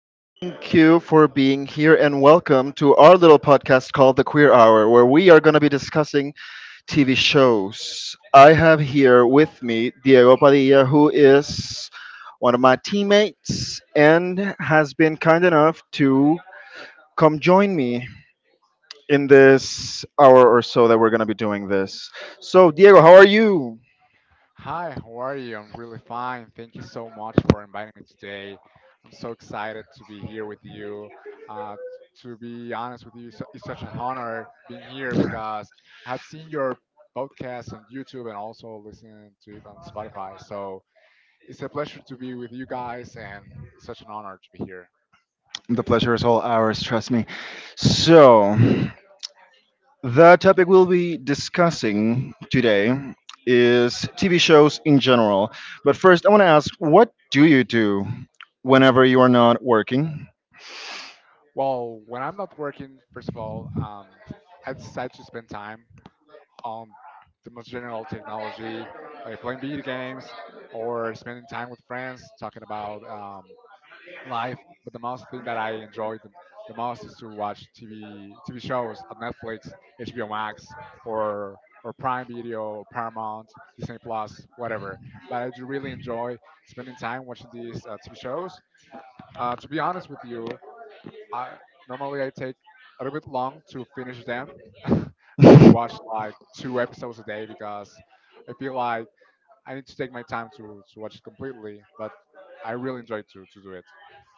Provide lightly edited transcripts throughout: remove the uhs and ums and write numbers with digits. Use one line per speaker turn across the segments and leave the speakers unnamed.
Thank you for being here, and welcome to our little podcast called The Queer Hour, where we are going to be discussing TV shows. I have here with me Diego Padilla, who is one of my teammates and has been kind enough to come join me in this hour or so that we're going to be doing this. So, Diego, how are you?
Hi, how are you? I'm really fine. Thank you so much for inviting me today. I'm so excited to be here with you. Uh, to be honest with you, it's such an honor being here because I have seen your podcast on YouTube and also listening to it on Spotify. So it's a pleasure to be with you guys, and it's such an honor to be here.
The pleasure is all ours, trust me. So, the topic we'll be discussing today is TV shows in general. But first, I want to ask, what do you do whenever you are not working?
Well, when I'm not working, first of all, I decide to spend time um, the most general technology, like playing video games or spending time with friends, talking about life. But the most thing that I enjoy the most is to watch TV shows on Netflix, HBO Max, or or Prime Video, or Paramount, Disney Plus, whatever. But I do really enjoy spending time watching these TV shows. To be honest with you, I normally I take a little bit long to finish them. I watch like two episodes a day because I feel like I need to take my time to watch it completely, but I really enjoy to do it.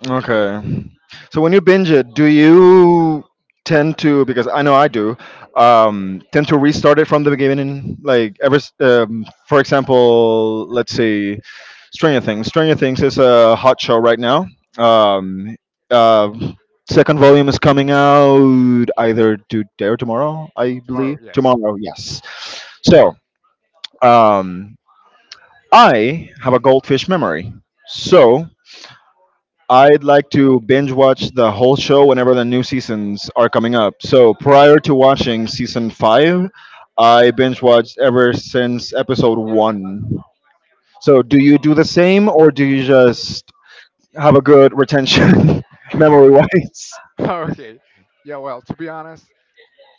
Okay. So when you binge it, do you tend to, because I know I do tend to restart it from the beginning? Like for example, let's say Stranger Things. Stranger Things is a hot show right now. Um, uh, Second volume is coming out either today or tomorrow, I
Tomorrow,
believe.
yes.
Tomorrow, yes. So um, I have a goldfish memory. So I'd like to binge watch the whole show whenever the new seasons are coming up. So prior to watching season five, I binge watched ever since episode one. So do you do the same, or do you just have a good retention memory wise?
Okay. Yeah, well, to be honest,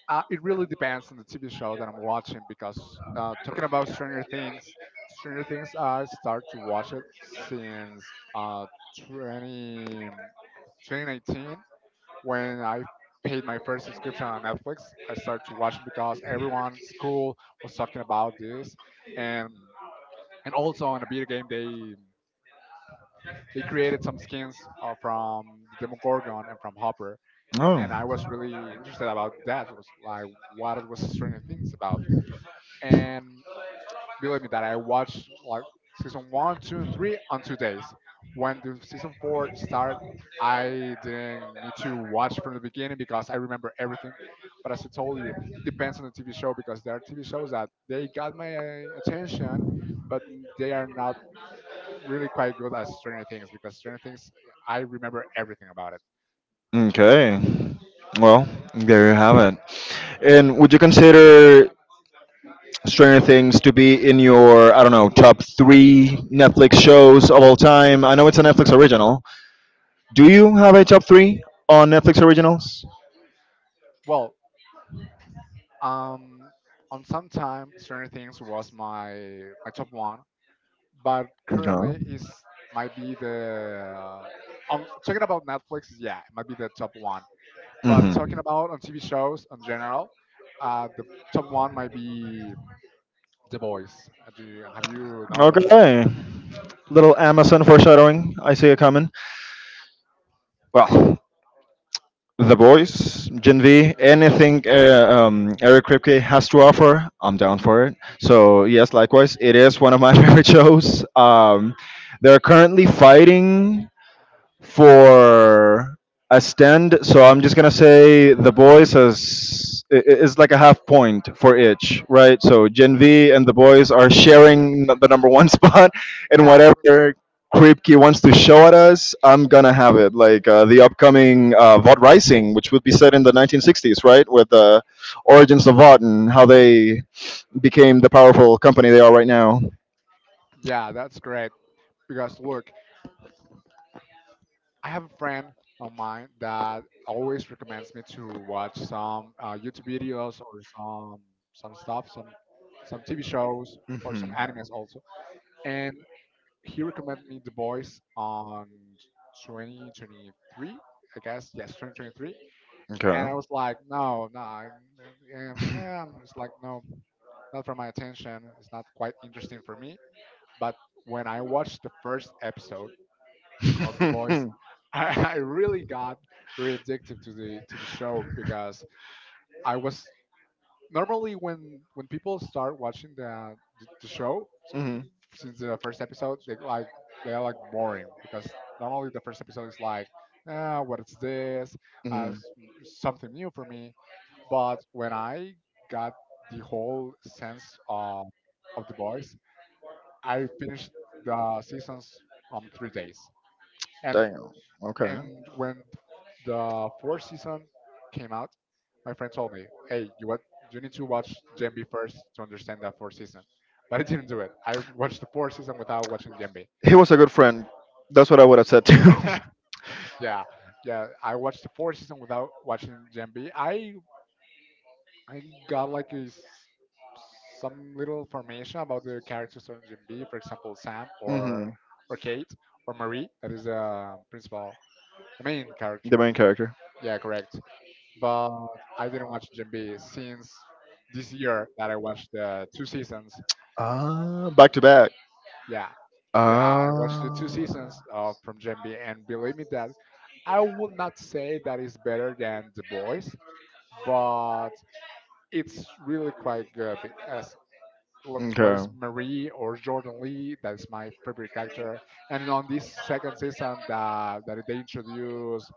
it really depends on the TV show that I'm watching because talking about Stranger Things, I start to watch it since 2019. When I paid my first subscription on Netflix, I started to watch it because everyone at school was talking about this, and and also on a video game they created some skins from Demogorgon and from Hopper, and I was really interested about that. It was like what it was Stranger Things about, and believe me that I watched like season one, two, and three on 2 days. When the season four started, I didn't need to watch from the beginning because I remember everything. But as I told you, it depends on the TV show because there are TV shows that they got my attention, but they are not really quite good as Stranger Things because Stranger Things, I remember everything about it.
Okay. Well, there you have it. And would you consider Stranger Things to be in your, I don't know, top three Netflix shows of all time? I know it's a Netflix original. Do you have a top three on Netflix originals?
Well, um, on some time, Stranger Things was my top one but
No.
currently is might be the on talking about Netflix, yeah, it might be the top one. But
Hmm.
talking about on TV shows in general, the top one might be The Boys. Have you know about The Boys?
Okay. Little Amazon foreshadowing. I see it coming. Well, The Boys, Gen V, anything Eric Kripke has to offer, I'm down for it. So, yes, likewise, it is one of my favorite shows. They're currently fighting for a stand. So I'm just gonna say the boys is like a half point for each, right? So Gen V and the boys are
Yeah,
sharing the number one spot, and
yeah,
whatever Kripke wants to show at us, I'm gonna have it. Like the upcoming Vought Rising, which would be set in the 1960s, right, with the origins of Vought and how they became the powerful company they are right now.
yeah. That's great because look, I have a friend of mine that always recommends me to watch some YouTube videos or some some stuff, some TV shows or some
Mhm.
animes also. And he recommended me The Boys on 2023, I guess. Yes, 2023. And
Okay.
I was like, no, no, it's like no, not for my attention. It's not quite interesting for me. But when I watched the first episode of The Boys, I really got very addicted to the show because I was normally when people start watching the show
Mhm,
since the first episode they are like boring because normally the first episode is like ah, what is this uh,
mhm.
s- something new for me but when I got the whole sense of the boys I finished the seasons on 3 days and
Damn. Okay.
and when the fourth season came out, my friend told me, "Hey, you what? You need to watch Gen B first to understand that fourth season." But I didn't do it. I watched the fourth season without watching Gen B.
He was a good friend. That's what I would have said too.
Yeah, yeah. I watched the fourth season without watching Gen B. I got like some little information about the characters on Gen B. For example, Sam or
Hmm.
or Kate or Marie. That is the principal, the main
The
character.
main character.
Yeah, correct. But I didn't watch Jim B since this year that I watched the two seasons.
Ah, back to back.
Yeah, yeah, I watched the
Ah.
two seasons from Jim B, and believe me that I would not say that it's better than The Boys, but it's really quite good because what is Marie or Jordan Lee. That is my favorite character. And on this second season, that they introduce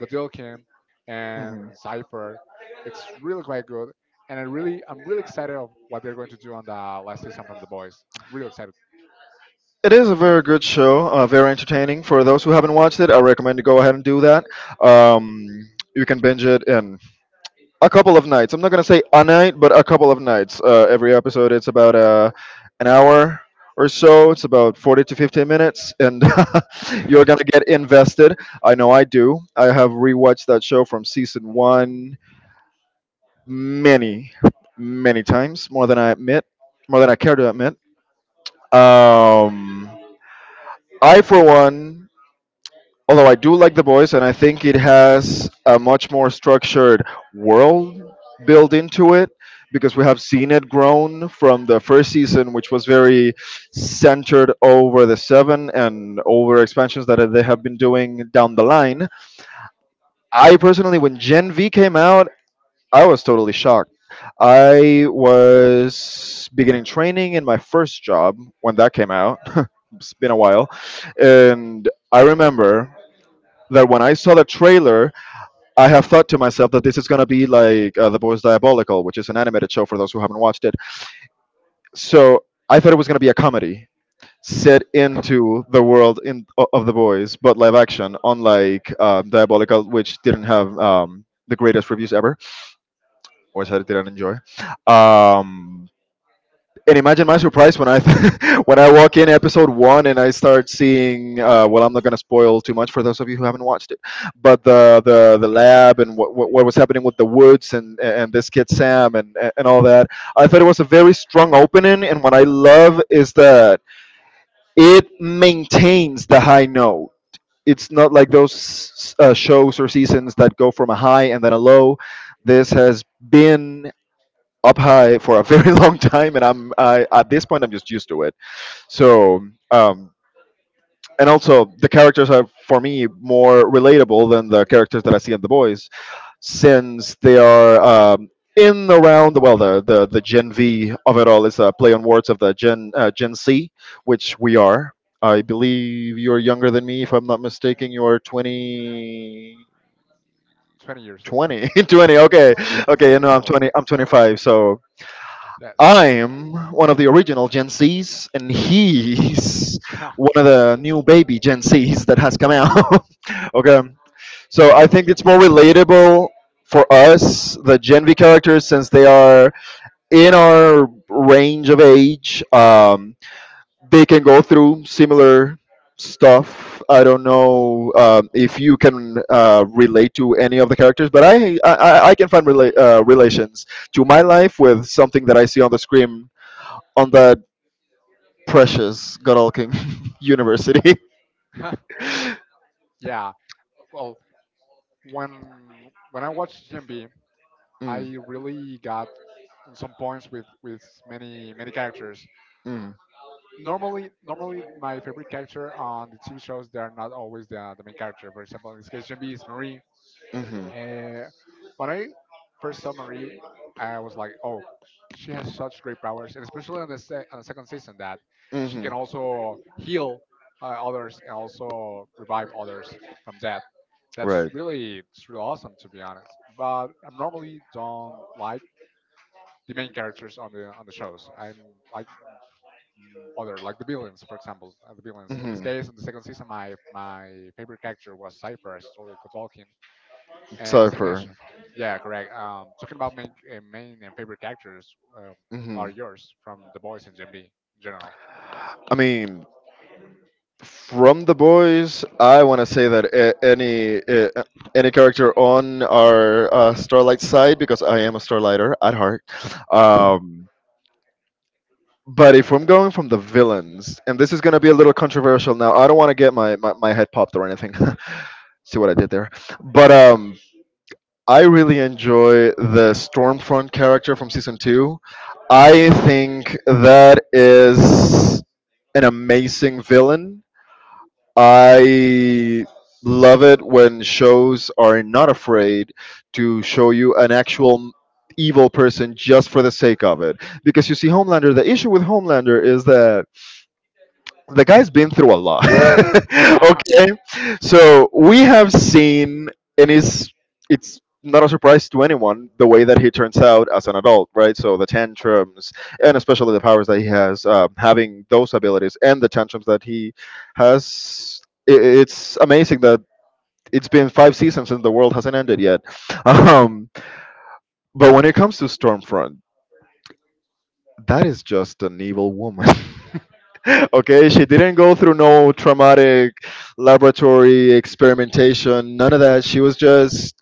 Godilkin and Cipher, it's really quite good. And I'm really excited of what they're going to do on the last season from The Boys. I'm really excited.
It is a very good show, very entertaining. For those who haven't watched it, I recommend you go ahead and do that. Um, you can binge it in a couple of nights. I'm not gonna say a night, but a couple of nights. Every episode, it's about an hour or so. It's about 40 to 15 minutes, and you're gonna get invested. I know I do. I have rewatched that show from season one many, many times, more than I admit, more than I care to admit. Um, I, for one, although I do like The Boys, and I think it has a much more structured world built into it because we have seen it grown from the first season, which was very centered over the seven and over expansions that they have been doing down the line. I personally, when Gen V came out, I was totally shocked. I was beginning training in my first job when that came out. It's been a while. And I remember that when I saw the trailer, I have thought to myself that this is going to be like The Boys Diabolical, which is an animated show for those who haven't watched it. So I thought it was going to be a comedy set into the world of The Boys, but live action, unlike Diabolical, which didn't have the greatest reviews ever, or which I didn't enjoy. Um, and imagine my surprise when I when I walk in episode one and I start seeing. Well, I'm not going to spoil too much for those of you who haven't watched it, but the lab and what was happening with the woods, and this kid Sam, and all that. I thought it was a very strong opening, and what I love is that it maintains the high note. It's not like those shows or seasons that go from a high and then a low. This has been up high for a very long time, and at this point I'm just used to it. So, um, and also the characters are for me more relatable than the characters that I see in The Boys, since they are um, in around, well, the Gen V of it all is a play on words of the Gen C, which we are. I believe you're younger than me, if I'm not mistaken. You are 20,
20 years old.
20,
Yeah,
20. Okay,
yes.
okay.
20
You know,
years
I'm
old.
20. I'm 25. So
Yeah.
I'm one of the original Gen Zs, and he's one of the new baby Gen Zs that has come out. Okay, so I think it's more relatable for us, the Gen V characters, since they are in our range of age. They can go through similar stuff. I don't know if you can relate to any of the characters, but I can find relations to my life with something that I see on the screen on that precious god King university.
Yes. Yeah. Well, when when I watched GMB, I really got in some points with many many characters.
Mm, mm,
Normally my favorite character on the TV shows they are not always the main character. For example, in this case, Gen B is Marie. Uh, when I first saw Marie, I was like, oh, she has such great powers, and especially on the second season that
mhm,
she
mhm.
can also heal others and also revive others from death. That's
Right.
really it's really awesome to be honest. But I normally don't like the main characters on the shows. I'm like other like the villains, for example, the villains. In this
Mhm.
case, in the second season, my favorite character was Cipher, Stolly Kotolkin. As I
Cypher.
mentioned, yeah, correct. Talking about main and favorite characters are
Mhm.
yours from The Boys and Gen B in general.
I mean, from the boys, I want to say that any any character on our Starlight side, because I am a Starlighter at heart. Um, but if I'm going from the villains, and this is going to be a little controversial now, I don't want to get my head popped or anything. See what I did there. But I really enjoy the Stormfront character from season two. I think that is an amazing villain. I love it when shows are not afraid to show you an actual evil person just for the sake of it. Because you see, Homelander, the issue with Homelander is that the guy's been through a lot.
Yeah,
Okay, so we have seen, and it's not a surprise to anyone the way that he turns out as an adult, right? So the tantrums, and especially the powers that he has, having those abilities and the tantrums that he has, I it's amazing that it's been five seasons and the world hasn't ended yet. Um, but when it comes to Stormfront, that is just an evil woman. Okay, she didn't go through no traumatic laboratory experimentation, none of that. She was just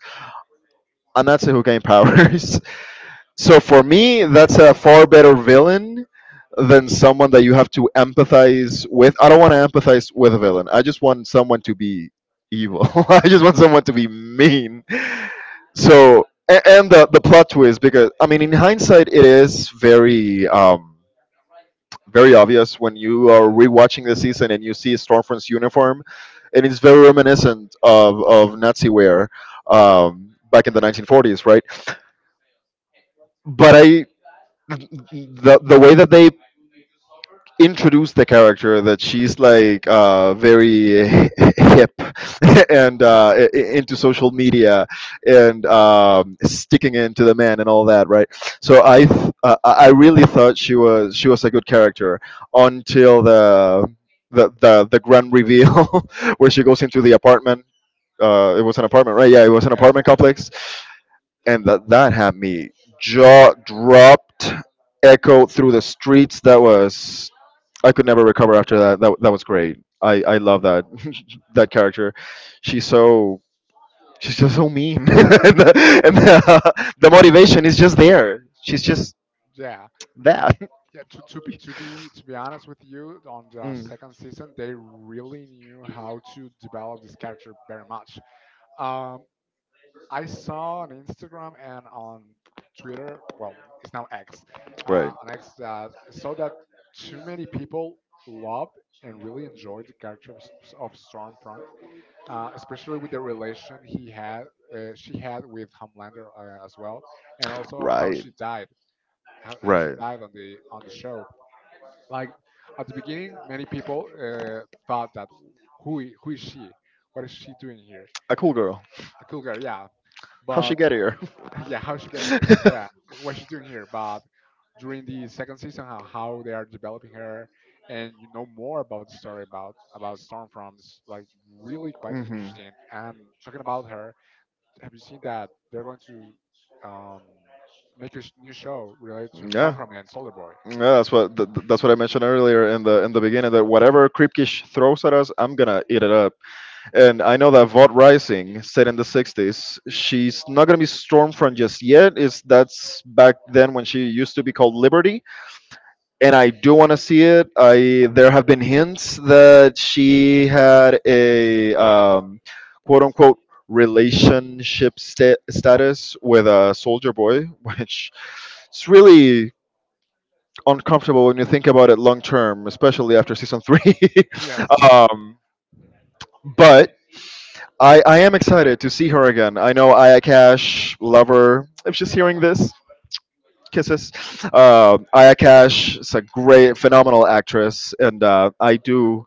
a Nazi who gained powers. So for me, that's a far better villain than someone that you have to empathize with. I don't want to empathize with a villain. I just want someone to be evil. I just want someone to be mean. So and the plot twist, because I mean, in hindsight it is very very obvious when you are rewatching the season and you see Stormfront's uniform, and it's very reminiscent of Nazi wear back in the 1940s, right? But I the way that they introduce the character, that she's like very hip and into social media and sticking into the man and all that, right? So I th- I really thought she was a good character until the grand reveal where she goes into the apartment. It was an apartment, right? Yeah, it was an
yes.
apartment complex, and that had me jaw dropped, echoed through the streets. That was I could never recover after that. That was great. I love that that character. She's so she's just so mean, and the motivation is just there. She's just
Yeah.
that.
Yeah. To be honest with you, on the
Mm.
second season, they really knew how to develop this character very much. Um, I saw on Instagram and on Twitter, well, it's now X, on X that I saw that too many people loved and really enjoyed the character of Stormfront, especially with the relation he had, she had with Homelander as well, and also how she died, how she
uh,
died on the show. Like at the beginning, many people thought that who is she? What is she doing here?
A cool girl.
A cool girl, yeah,
How she
but
get here?
yeah, how she get here? Yeah, what she's doing here? But during the second season, how they are developing her, and you know more about the story about Stormfront is like really quite
Hmm.
interesting. And talking about her, have you seen that they're going to um, make a new show related to
Yeah.
Stormfront and Soldier Boy?
Yeah, that's what that's what I mentioned earlier in the beginning, that whatever Kripkish throws at us, I'm gonna eat it up. And I know that Vought Rising, set in the 60s, she's not going to be Stormfront just yet. That's back then when she used to be called Liberty. And I do want to see it. I There have been hints that she had a quote unquote relationship status with a soldier boy, which is really uncomfortable when you think about it long term, especially after season three.
Yes,
um, but I am excited to see her again. I know Ayakash, love her. If she's hearing this, kisses. Ayakash is a great, phenomenal actress, and I do.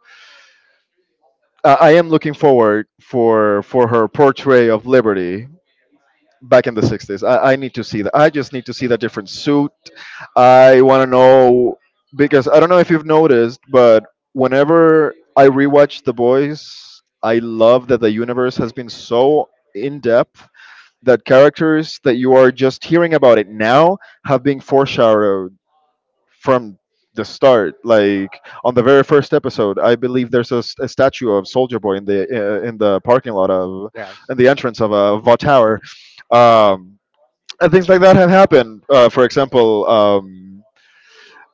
I am looking forward for her portrayal of Liberty back in the '60s. I need to see that. I just need to see that different suit. I want to know because I don't know if you've noticed, but whenever I rewatch The Boys, I love that the universe has been so in depth that characters that you are just hearing about it now have been foreshadowed from the start. Like on the very first episode, I believe there's a, a statue of Soldier Boy in the in the parking lot of
yes,
in the entrance of a Va Tower. um, and things like that have happened, for example.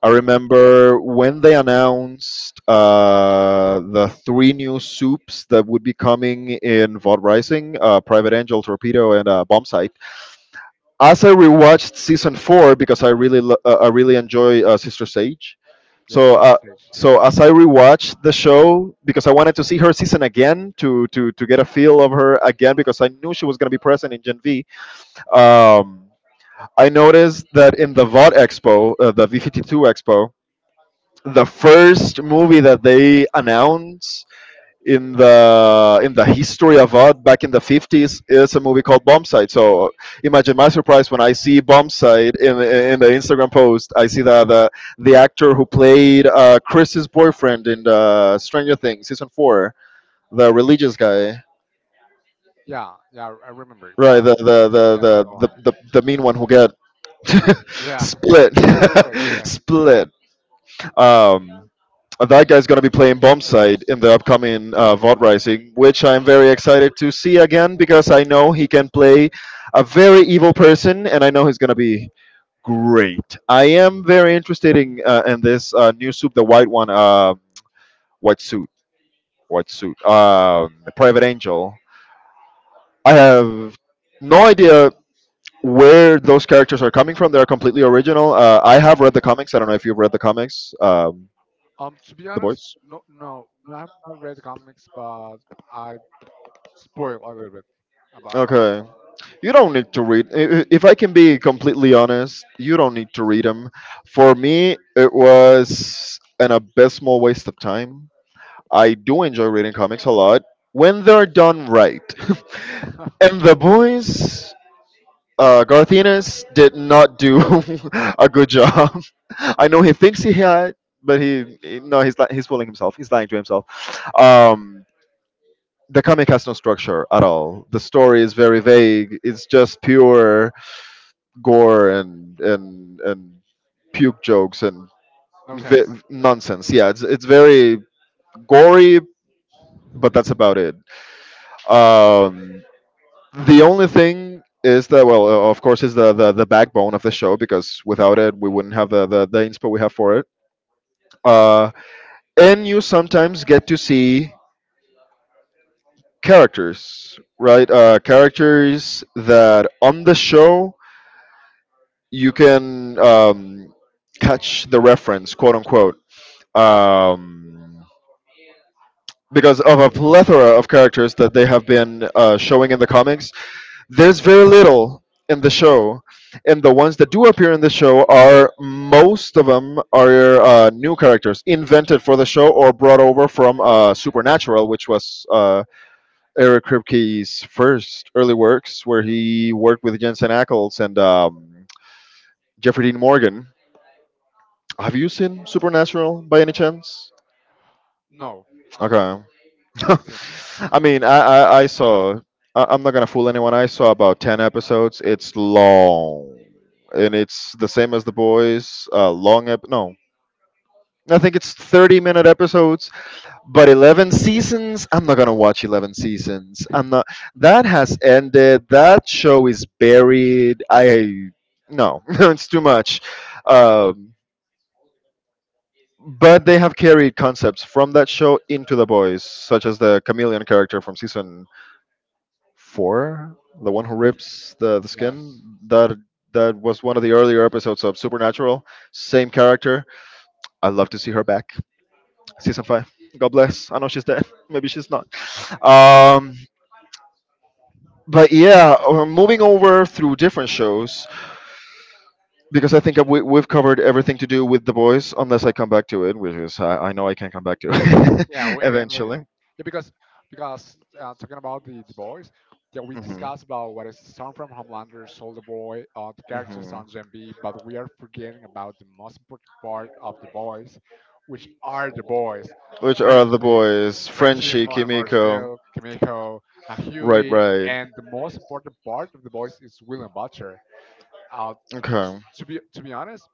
I remember when they announced the three new soups that would be coming in Vod Rising, Private Angel, Torpedo, and Bombsight, as I rewatched season four because I really I really enjoy Sister Sage.
yes,
so
it's
uh,
the case. Yeah,
so as I rewatched the show because I wanted to see her season again to to get a feel of her again because I knew she was going to be present in Gen V. Um, I noticed that in the VOD Expo, the V52 Expo, the first movie that they announced in the history of art back in the 50s is a movie called Bombside. So imagine my surprise when I see Bombside in the Instagram post. I see that the actor who played Chris's boyfriend in the Stranger Things season four, the religious guy,
yeah, yeah. I remember it,
right?
but
The the the
yeah, that
the
one.
the, the, the mean one who get
Yeah,
split,
look, yeah.
split. Um, and that guy's going to be playing Bombside in the upcoming VOD Rising, which I'm very excited to see again because I know he can play a very evil person and I know he's going to be great. I am very interested in this new soup, the white one, white suit, white suit, Private Angel. I have no idea where those characters are coming from. They're completely original. I have read the comics. I don't know if you've read the comics,
To be
The
honest,
Boys.
no, no, no, I've not read the comics, but I spoiled a little bit about
Okay. You don't need to read. If I can be completely honest, you don't need to read them. For me, it was an abysmal waste of time. I do enjoy reading comics a lot when they're done right.
it.
And the boys, Garth Ennis did not do a good job. I know he thinks he had, but no, he's fooling himself. He's lying to himself. Um, the comic has no structure at all. The story is very vague. It's just pure gore and puke jokes and
No sense.
nonsense. Yeah, it's very gory, but that's about it. Um, the only thing is that, well, of course, is the, the backbone of the show because without it, we wouldn't have the inspo we have for it. Uh, and you sometimes get to see characters, right? Characters that on the show you can catch the reference, quote unquote, um, because of a plethora of characters that they have been showing in the comics. There's very little in the show, and the ones that do appear in the show are most of them are new characters invented for the show or brought over from Supernatural, which was Eric Kripke's first early works, where he worked with Jensen Ackles and Jeffrey Dean Morgan. Have you seen Supernatural by any chance?
No, no,
Okay.
I haven't seen
I
it.
mean, I saw, I, I'm not going to fool anyone. I saw about 10 episodes. It's long. And it's the same as The Boys. No. I think it's 30-minute episodes, but 11 seasons? I'm not going to watch 11 seasons. I'm not. That has ended. That show is buried. I. No, it's too much. Um, but they have carried concepts from that show into The Boys, such as the chameleon character from season four, the one who rips the skin.
Yes.
That was one of the earlier episodes of Supernatural. Same character. I'd love to see her back. Season five. God bless. I know she's dead. Maybe she's not. Um, but yeah, moving over through different shows because I think we've covered everything to do with The Boys, unless I come back to it, which is I know I can come back to it
Yeah, we, yeah, maybe.
eventually.
Yeah, because talking about the boys, yeah, we
Hmm.
discussed about what is Storm from Homelander, Soldier Boy, the characters on Gen
Hmm.
B, but we are forgetting about the most important part of the boys, which are the boys, uh,
Which are the
Frenchie,
boys? Frenchie, Kimiko.
Marshmallow, Kimiko,
Right,
Huey,
right.
and the most important part of the boys is William Butcher. Uh,
Okay.
to be honest,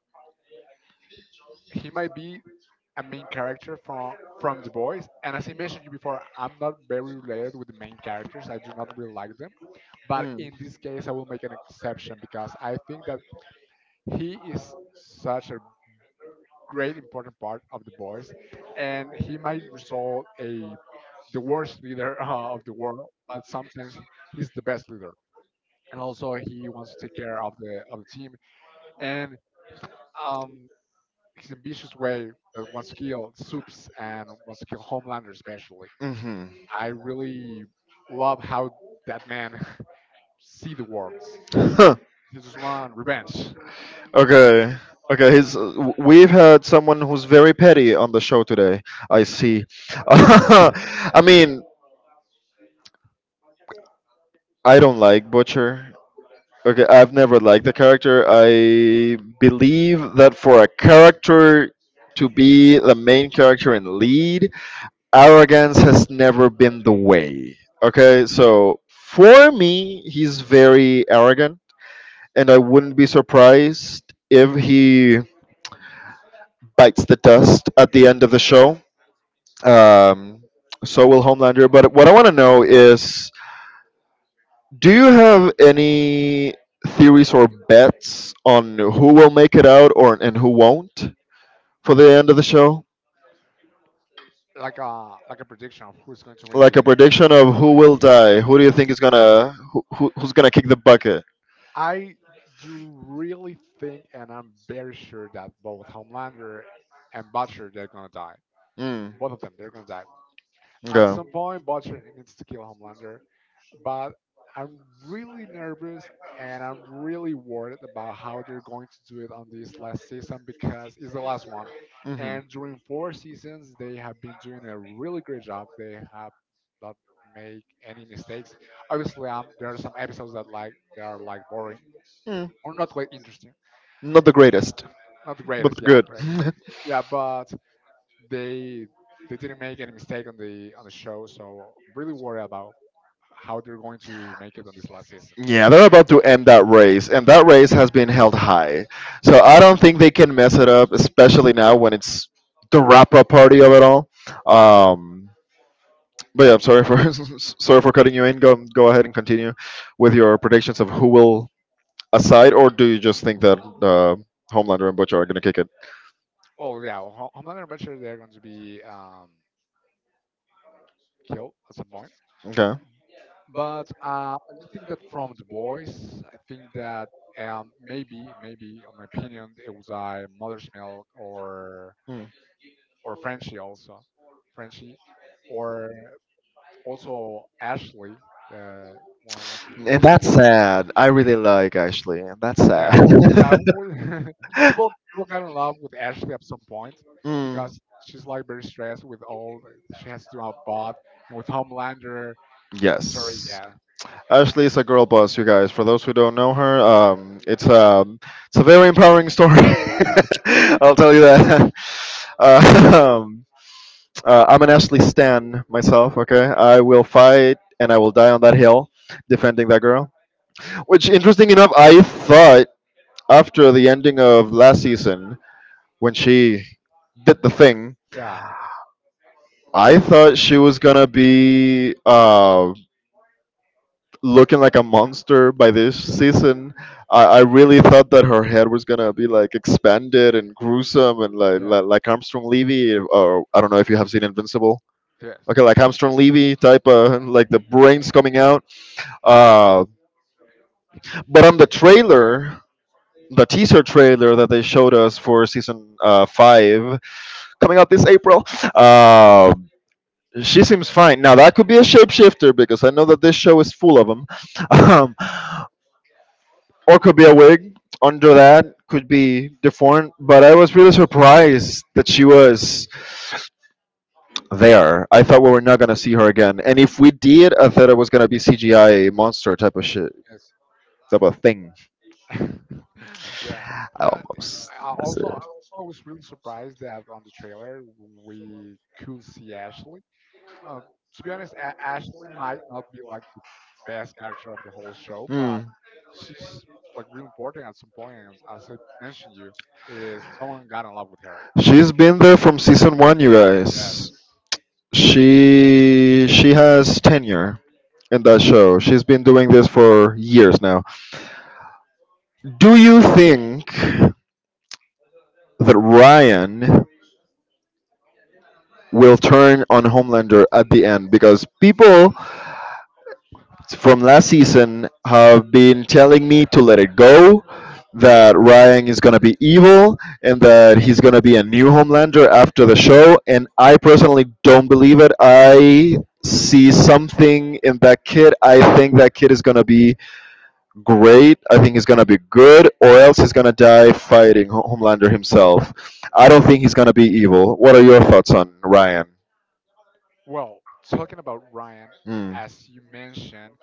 he might be a main character from The Boys. And as I mentioned you before, I'm not very related with the main characters. I do not really like them. But in this case, I will make an exception because I think that he is such a great important part of The Boys, and he might result a the worst leader of the world, but sometimes he's the best leader. And also, he wants to take care of the team. And um, his ambitious way that wants to kill Supes and wants to kill Homelander especially.
Hmm.
I really love how that man see the worlds. He just want revenge.
Okay. Okay. He's, we've had someone who's very petty on the show today. I see. I mean, I don't like Butcher. Okay, I've never liked the character. I believe that for a character to be the main character and lead, arrogance has never been the way. Okay, so for me, he's very arrogant, and I wouldn't be surprised if he bites the dust at the end of the show. Um, so will Homelander. But what I want to know is, do you have any theories or bets on who will make it out or and who won't for the end of the show?
Like a prediction of who's going to win
Like
the
a prediction of who will die? Who do you think is
bullseye?
gonna who's gonna kick the bucket?
I do really think, and I'm very sure that both Homelander and Butcher they're gonna die.
Mm.
Both of them, they're gonna die. At
Okay.
some point Butcher needs to kill Homelander, but I'm really nervous and I'm really worried about how they're going to do it on this last season because it's the last one. And during four seasons, they have been doing a really great job. They have not made any mistakes. Obviously, there are some episodes that like they are like boring
Mhm.
or not quite interesting,
Not the greatest,
not the
but
greatest. Yeah,
good.
correct. Yeah, but they they didn't make any mistake on the show, so really worried about how they're going to make it on this last season.
Yeah, they're about to end that race, and that race has been held high. So I don't think they can mess it up, especially now when it's the wrap up party of it all. Um, but yeah, I'm sorry for sorry for cutting you in. Go go ahead and continue with your predictions of who will aside, or do you just think that Homelander and Butcher are gonna kick it?
Well, yeah, Homelander and Butcher they're going to be killed at some point.
Okay.
But I think that from the boys, I think that maybe, maybe, on my opinion, it was Mother's Milk or
Hmm.
Frenchie also, Frenchie, or also Ashley, the one who
And
works
that's
on.
sad. I really like Ashley. And that's sad.
Yeah, yeah. People got in love with Ashley at some point
Mm.
because she's like very stressed with all that she has to do about and with Homelander, mandatory.
Yes.
Yeah,
Ashley is a girl boss, you guys. For those who don't know her, it's a very empowering story. I'll tell you that. Uh, um, I'm an Ashley Stan myself. Okay, I will fight and I will die on that hill defending that girl. Which, interesting enough, I thought after the ending of last season when she did the thing,
yeah,
I thought she was gonna be looking like a monster by this season. I really thought that her head was gonna be like expanded and gruesome and
yeah.
like Armstrong Levy, or I don't know if you have seen Invincible.
Yes,
Okay, like Armstrong Levy type of like the brains coming out. Uh, but on the trailer, the teaser trailer that they showed us for season five coming out this April. Uh, she seems fine. Now that could be a shapeshifter because I know that this show is full of them. Or could be a wig under. That could be different, but I was really surprised that she was there. I thought we were not going to see her again, and if we did, I thought it was going to be CGI monster type of shit,
yes.
type of thing.
yeah,
I
yeah.
almost
I
missed it.
also, I was really surprised that on the trailer we could see Ashley. Uh, to be honest, Ashley might not be like the best character of the whole show, but
Mm.
she's like really important at some point. And as I mentioned, you is someone got in love with her.
She's been there from season one, you guys.
Yes.
She has tenure in that show. She's been doing this for years now. Do you think that Ryan will turn on Homelander at the end? Because people from last season have been telling me to let it go, that Ryan is gonna be evil and that he's gonna be a new Homelander after the show, and I personally don't believe it. I see something in that kid. I think that kid is gonna be great. I think he's gonna be good, or else he's gonna die fighting Homelander himself. I don't think he's gonna be evil. What are your thoughts on Ryan?
Well, talking about Ryan,
Mm.
as you mentioned,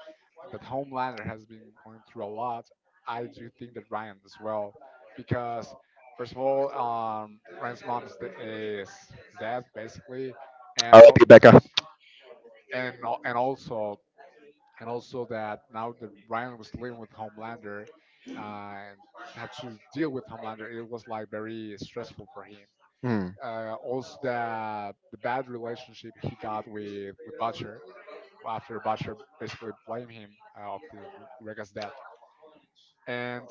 that Homelander has been going through a lot. I do think that Ryan as well, because first of all, Ryan's mom is, is dead basically, and all,
R.I.P. Becca.
and also, and also that now that Ryan was living with Homelander and had to deal with Homelander, it was like very stressful for him.
Mm.
Also, the bad relationship he got with Butcher after Butcher basically blamed him of the Rega's death. And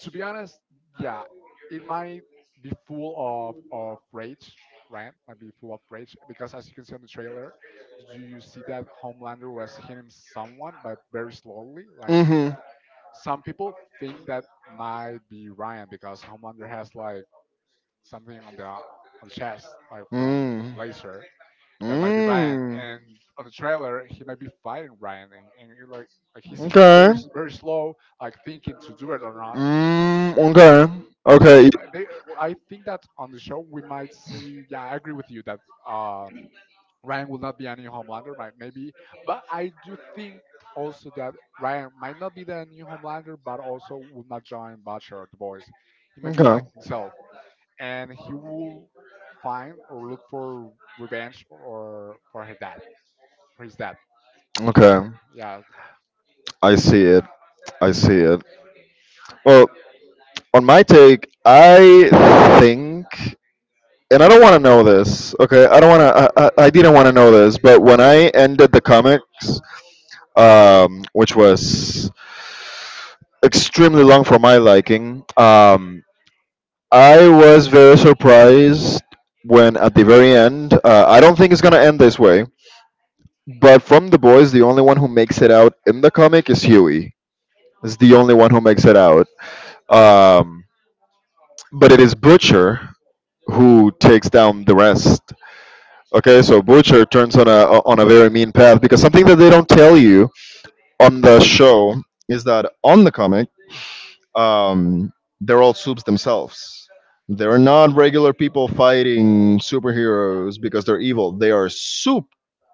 to be honest, yeah, it might be full of rage. Ryan might be full of rage because, as you can see on the trailer, do you see that Homelander was hitting someone, but very slowly, like
Mm-hmm.
some people think that might be Ryan because Homelander has like something on the chest, like from
Mm.
Laser. That might be Ryan.
Mm.
And on the trailer, he might be fighting Ryan, and, you're like he's hitting
Okay.
very slow, like thinking to do it or not,
Mm,
so
okay.
I think that on the show we might see. Yeah, I
Okay.
agree with you that um, Ryan will not be any Homelander, right? Maybe, but I do think also that Ryan might not be the new Homelander, but also will not join Butcher or the boys. He might
Okay.
be like himself, and he will find or look for revenge or for her dad, for his dad,
Okay.
Homelander. Yeah,
I see it. I see it. Well, on my take, I think, and I don't want to know this. Okay, I don't want to. I didn't want to know this, but when I ended the comics, which was extremely long for my liking, I was very surprised when at the very end. I don't think it's gonna end this way. But from the boys, the only one who makes it out in the comic is Huey. Is the only one who makes it out. Um, but it is Butcher who takes down the rest. Okay, so Butcher turns on a very mean path because something that they don't tell you on the show is that on the comic, um, they're all soups themselves. They're not regular people fighting superheroes because they're evil. They are soup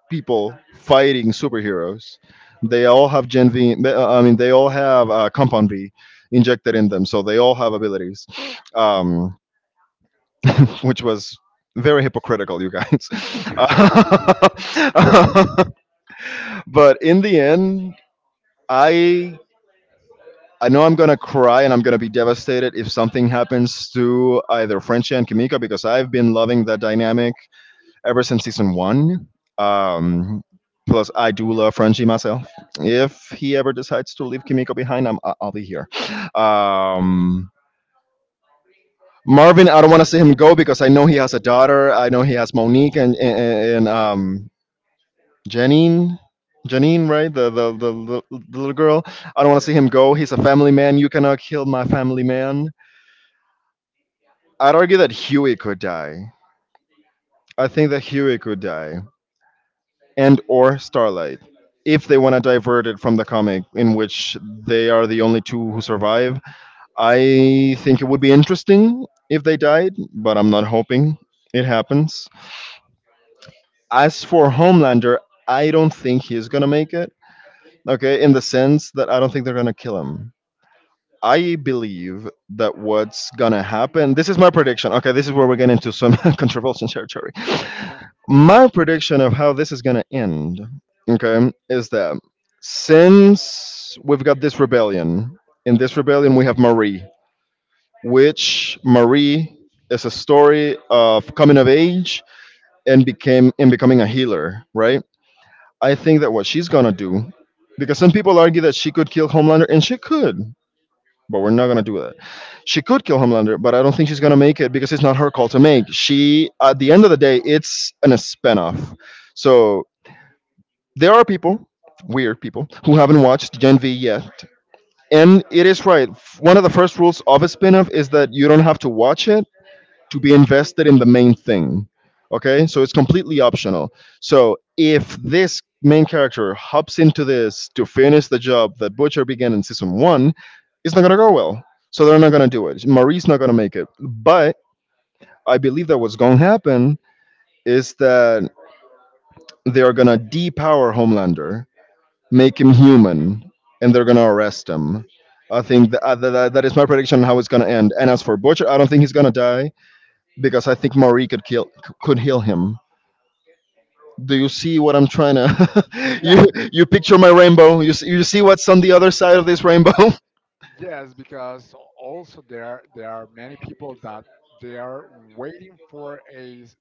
people fighting superheroes. They all have Gen V. I mean, they all have Compound V injected in them, so they all have abilities, um, which was very hypocritical, you guys. But in the end, I I know I'm gonna cry and I'm gonna be devastated if something happens to either Frenchie and Kimiko because I've been loving that dynamic ever since season one. Um, Plus, I do love Frenchie myself. If he ever decides to leave Kimiko behind, I'll be here. Um, Marvin, I don't want to see him go because I know he has a daughter. I know he has Monique and Janine. Janine, right? The little girl. I don't want to see him go. He's a family man. You cannot kill my family man. I'd argue that Huey could die. I think that Huey could die, and or Starlight, if they want to divert it from the comic, in which they are the only two who survive. I think it would be interesting if they died, but I'm not hoping it happens. As for Homelander, I don't think he's gonna make it. Okay, in the sense that I don't think they're gonna kill him. I believe that what's gonna happen. This is my prediction. Okay, this is where we get into some controversial territory.
yeah,
My prediction of how this is going to end, okay, is that since we've got this rebellion, in this rebellion we have Marie, which Marie is a story of coming of age and became and becoming a healer, right? I think that what she's going to do because some people argue that she could kill Homelander and she could, but we're not going to do that. She could kill Homelander, but I don't think she's going to make it because it's not her call to make. She at the end of the day, it's an a spinoff. So there are people, weird people, who haven't watched Gen V yet. And it is right. One of the first rules of a spin off is that you don't have to watch it to be invested in the main thing. Okay? So it's completely optional. So if this main character hops into this to finish the job that Butcher began in season one, it's not going to go well. So they're not going to do it. Marie's not going to make it. But I believe that what's going to happen is that they are going to depower Homelander, make him human, and they're gonna arrest him. I think that, that is my prediction on how it's gonna end. And as for Butcher, I don't think he's gonna die because I think Marie could kill could heal him. Do you see what I'm trying to?
yeah.
You picture my rainbow. You see what's on the other side of this rainbow?
Yes, because also there are many people that they are waiting for a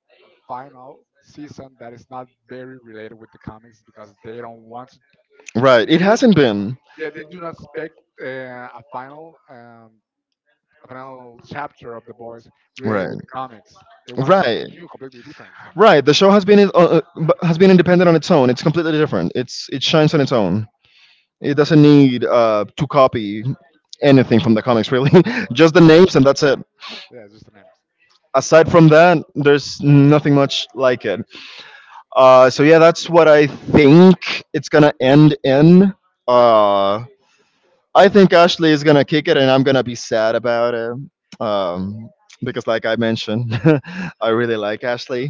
final season that is not very related with the comics because they don't want to.
Right.
They,
It
they don't.
hasn't been.
Yeah, they do not expect uh, a final um, a final chapter of the boys related
Right.
with the comics. They want something
Right.
new, completely different.
Right. The show has been has been independent on its own. It's completely different. It shines on its own. It doesn't need to copy anything from the comics, really. Just the names, and that's it.
Yeah, just the names.
Aside from that, there's nothing much like it. So yeah, that's what I think it's gonna end in. Uh, I think Ashley is gonna kick it, and I'm gonna be sad about it. Um, because, like I mentioned, I really like Ashley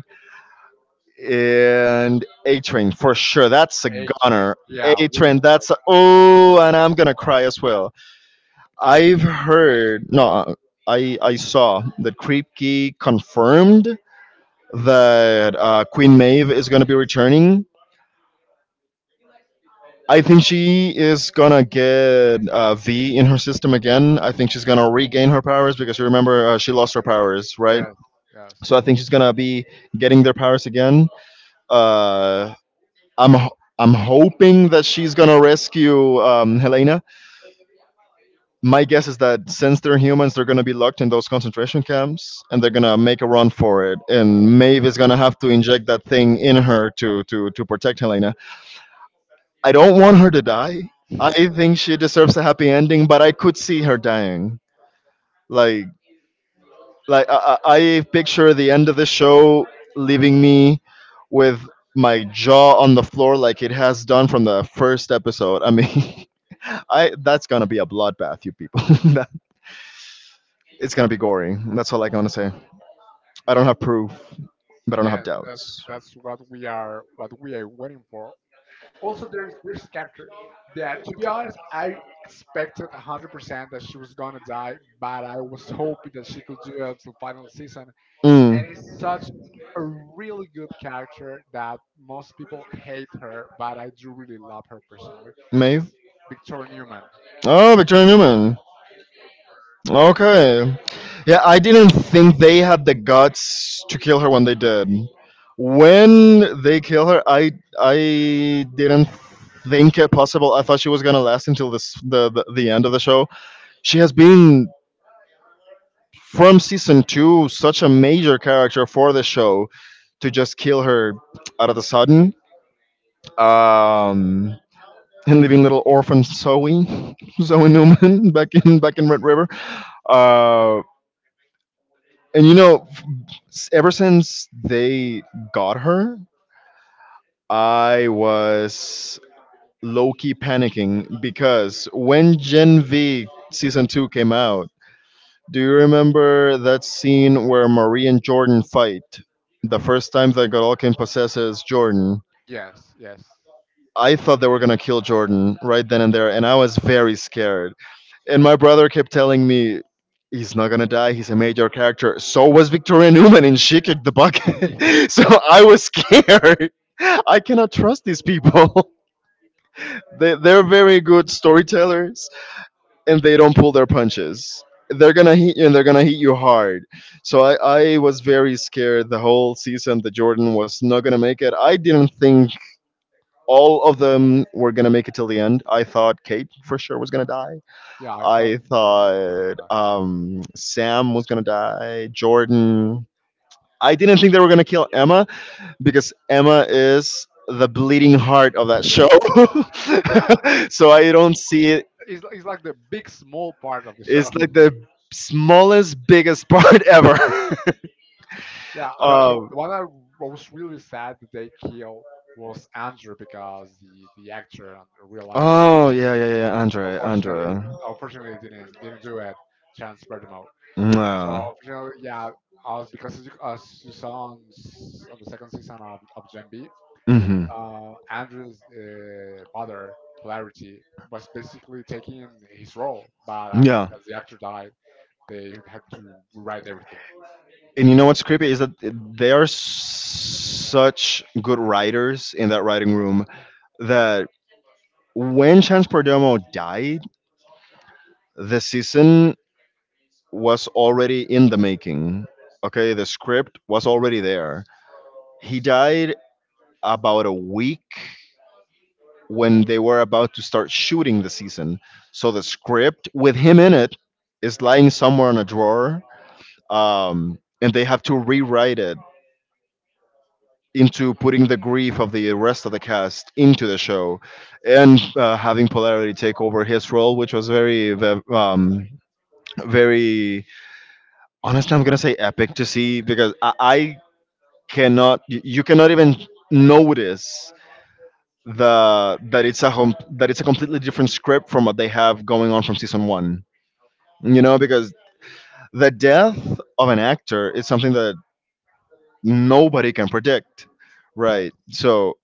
and A Train for sure. That's a
A train.
goner.
Yeah,
A
we
Train. That's a,
forgot.
oh, and I'm gonna cry as well. I've heard no, I saw that Kripke confirmed that Queen Maeve is gonna be returning. I think she is gonna get V in her system again. I think she's gonna regain her powers because you remember she lost her powers,
Yeah.
right?
Yes.
So I think she's gonna be getting their powers again. Uh, I'm hoping that she's gonna rescue Helena. My guess is that since they're humans, they're going to be locked in those concentration camps, and they're going to make a run for it. And Maeve is going to have to inject that thing in her to protect Helena. I don't want her to die.
Yes.
I think she deserves a happy ending, but I could see her dying. Like like I picture the end of the show leaving me with my jaw on the floor like it has done from the first episode. I mean, I that's gonna be a bloodbath, you people. That- it's gonna be gory. That's all I gotta say. I don't
Yeah,
have proof, but I don't
yeah,
have doubts.
that's what we are waiting for. Also, there's a character that, to be honest, I expected 100% that she was gonna die, but I was hoping that she could do it until final season.
Mm.
Such a really good character that most people hate her, but I do really love her personally. Is
Maeve?
Victoria Newman.
Oh, Victoria Newman. Okay. Yeah, I didn't think they had the guts to kill her when they did. When they kill her, I didn't think it possible. I thought she was gonna last until this the end of the show. She has been from season two such a major character for the show to just kill her out of the sudden. Um and leaving little orphan Zoe, Zoe Newman back in Red River. Uh, And you know, ever since they got her, I was low key panicking because when Gen V season 2 came out, do you remember that scene where Marie and Jordan fight? The first time that Gorokin possesses Jordan.
Yes, yes.
I thought they were going to kill Jordan right then and there, and I was very scared. And my brother kept telling me he's not gonna die. He's a major character. So was Victoria Newman, and she kicked the bucket.
yeah,
So I was scared. I cannot trust these people. They're very good storytellers, and they don't pull their punches. They're gonna hit you, and they're gonna hit you hard. So I was very scared the whole season that Jordan was not gonna make it. I didn't think all of them were gonna make it till the end. I thought Kate for sure was gonna die.
yeah, I thought
I
that was
thought Sam was gonna die. Jordan. I didn't think they were gonna kill Emma because Emma is the bleeding heart of that
that.
show.
yeah,
So I don't see it.
it's like the big small part of the show.
It's like the smallest, biggest part ever.
Yeah, the
um,
one I was really sad that they killed was Andrew because the actor in real life
oh yeah, yeah, yeah. Andre,
unfortunately,
Andre.
didn't do it, Chance Berdimo. So
Yeah.
unfortunately, yeah, as because as you saw on, on the second season of Gen B,
Mm-hmm.
Andrew's father Polarity was basically taking his role, but as
Yeah.
the actor died, they had to rewrite everything.
And you know what's creepy is that they are such good writers in that writing room that when Chance Perdomo died, the season was already in the making. Okay, the script was already there. He died about a week when they were about to start shooting the season. So the script with him in it is lying somewhere in a drawer. And they have to rewrite it into putting the grief of the rest of the cast into the show and having polarity take over his role which was very honestly I'm gonna say epic to see because I cannot you cannot even notice the that it's a that it's a completely different script from what they have going on from season one, you know, because the death of an actor is something that nobody can predict,
Yeah.
right? So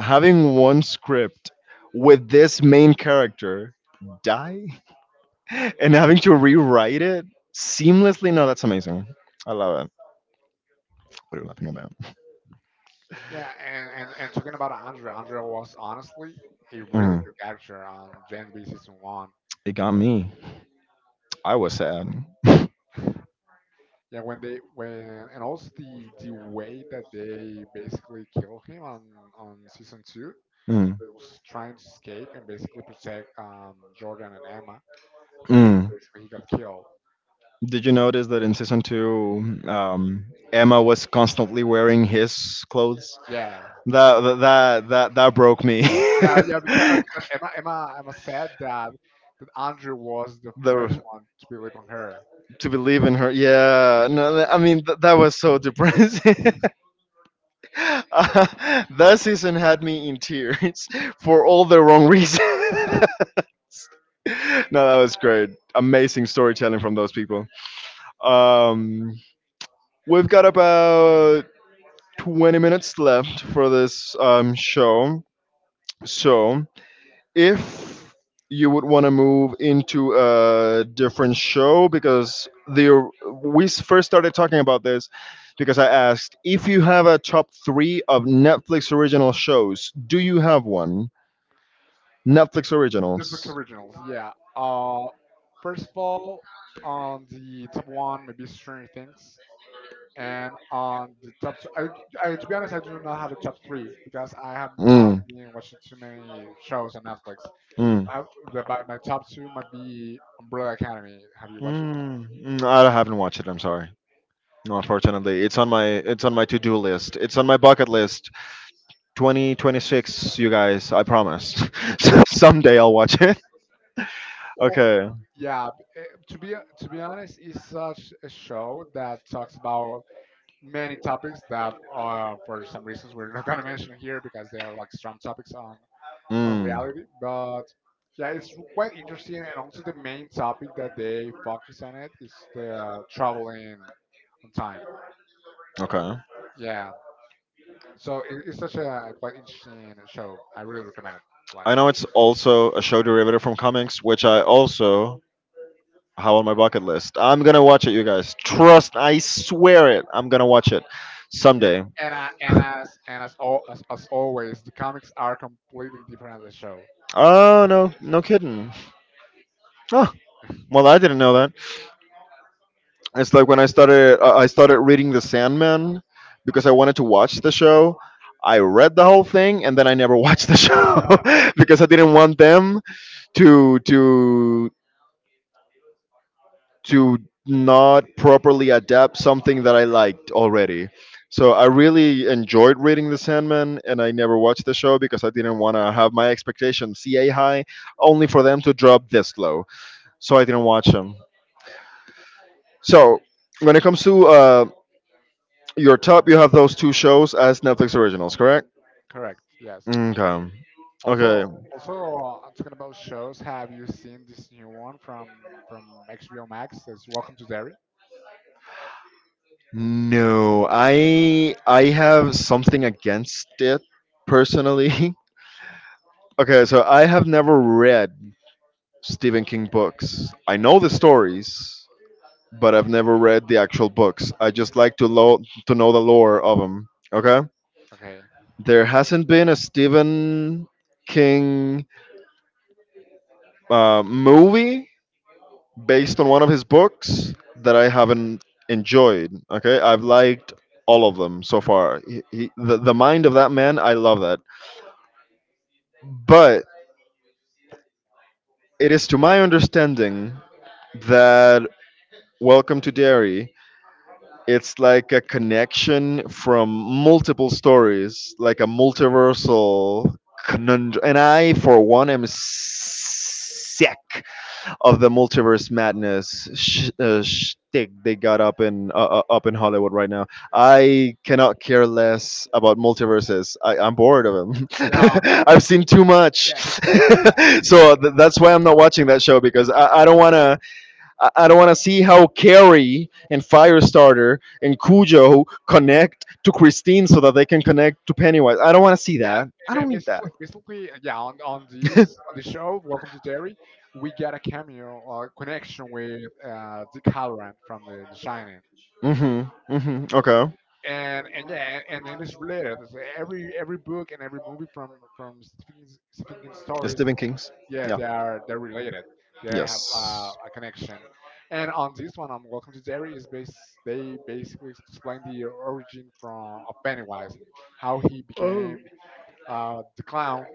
having one script with this main character die and having to rewrite it seamlessly. No, that's amazing. I love it. What are you laughing about?
Yeah, and talking about Andrea, Andrea was honestly a really
Mm.
good character on Gen B season one.
It got me. I was sad.
Yeah, when they when and also the way that they basically kill him on season two,
Mm.
he was trying to escape and basically protect Jordan and Emma, and
Mm.
basically he got killed.
Did you notice that in season two, Emma was constantly wearing his clothes?
Yeah,
That broke me.
yeah, yeah,
the
because Emma said that that Andrew was the first one to believe on her.
To believe in her. Yeah, no, that was so depressing. That season had me in tears for all the wrong reasons. No, that was great. Amazing storytelling from those people. Um, we've got about 20 minutes left for this show. So if you would want to move into a different show because first started talking about this because I asked if you have a top 3 of Netflix original shows. Do you have one? Netflix
Netflix
originals.
originals, yeah. Uh, first of all, on the top one, maybe Stranger Things, and on the top two, I to be honest, I do not have a top three because I have not
Mm,
been watching too many shows on Netflix.
mm,
I, the, but my top two might be Umbrella Academy. Have you watched it?
I haven't watched it. I'm sorry. No, unfortunately, it's on my to do list. It's on my bucket list. 2026, you guys. I promise. Someday I'll watch it.
Oh,
Okay.
yeah. To be to be honest, it's such a show that talks about many topics that, for some reasons, we're not gonna mention here because they are like strong topics on
Mm,
reality. But yeah, it's quite interesting, and also the main topic that they focus on it is the traveling on time.
okay.
Yeah, so it's such a quite interesting show. I really recommend it to watch.
I know it's also a show derivative from comics, which I also have on my bucket list. I'm gonna watch it, you guys. Trust. I swear it. I'm gonna watch it
Yeah,
someday.
and as, al- as always, the comics are completely different than the show.
Oh no, no kidding. Oh, well, I didn't know. It's like when I started I started reading The Sandman because I wanted to watch the show. I read the whole thing and then I never watched the show because I didn't want them to to to not properly adapt something that I liked already. So I really enjoyed reading The Sandman and I never watched the show because I didn't want to have my expectations CA high only for them to drop this low. So I didn't watch them. So when it comes to your top, you have those two shows as Netflix originals, correct?
Correct. Yes.
Okay.
Also,
Okay.
also I'm talking about shows. Have you seen this new one from from HBO Max? That's Welcome to Derry.
No, I have something against it personally. Okay, so I have never read Stephen King books. I know the stories, but I've never read the actual books. I just like to to know the lore of them. Okay?
Okay.
There hasn't been a Stephen King movie based on one of his books that I haven't enjoyed. Okay, I've liked all of them so far. The mind of that man, I love that. But it is to my understanding that Welcome to Dairy, it's like a connection from multiple stories, like a multiversal conundrum. And I, for one, am sick of the multiverse madness shtick they got up in up in Hollywood right now. I cannot care less about multiverses. I'm bored of them.
Yeah.
I've seen too much.
Yes. Yeah.
So that's why I'm not watching that show because I don't wanna I don't wanna see how Carrie and Firestarter and Cujo connect to Christine so that they can connect to Pennywise. I don't wanna see
Yeah.
that. I don't need that.
Basically, basically, yeah. On this on the show, Welcome to Derry, we got a cameo connection with Dick Halloran from the Shining,
Mhm. Mhm. Okay.
and yeah, and it is related. It's every book and every movie from Stephen King's
The
stories,
Stephen King's.
yeah,
Yeah.
they are they're related. They have
Yes.
a connection. And on this one, on Welcome to Derry, is they basically explain the origin from of Pennywise, how he became the clown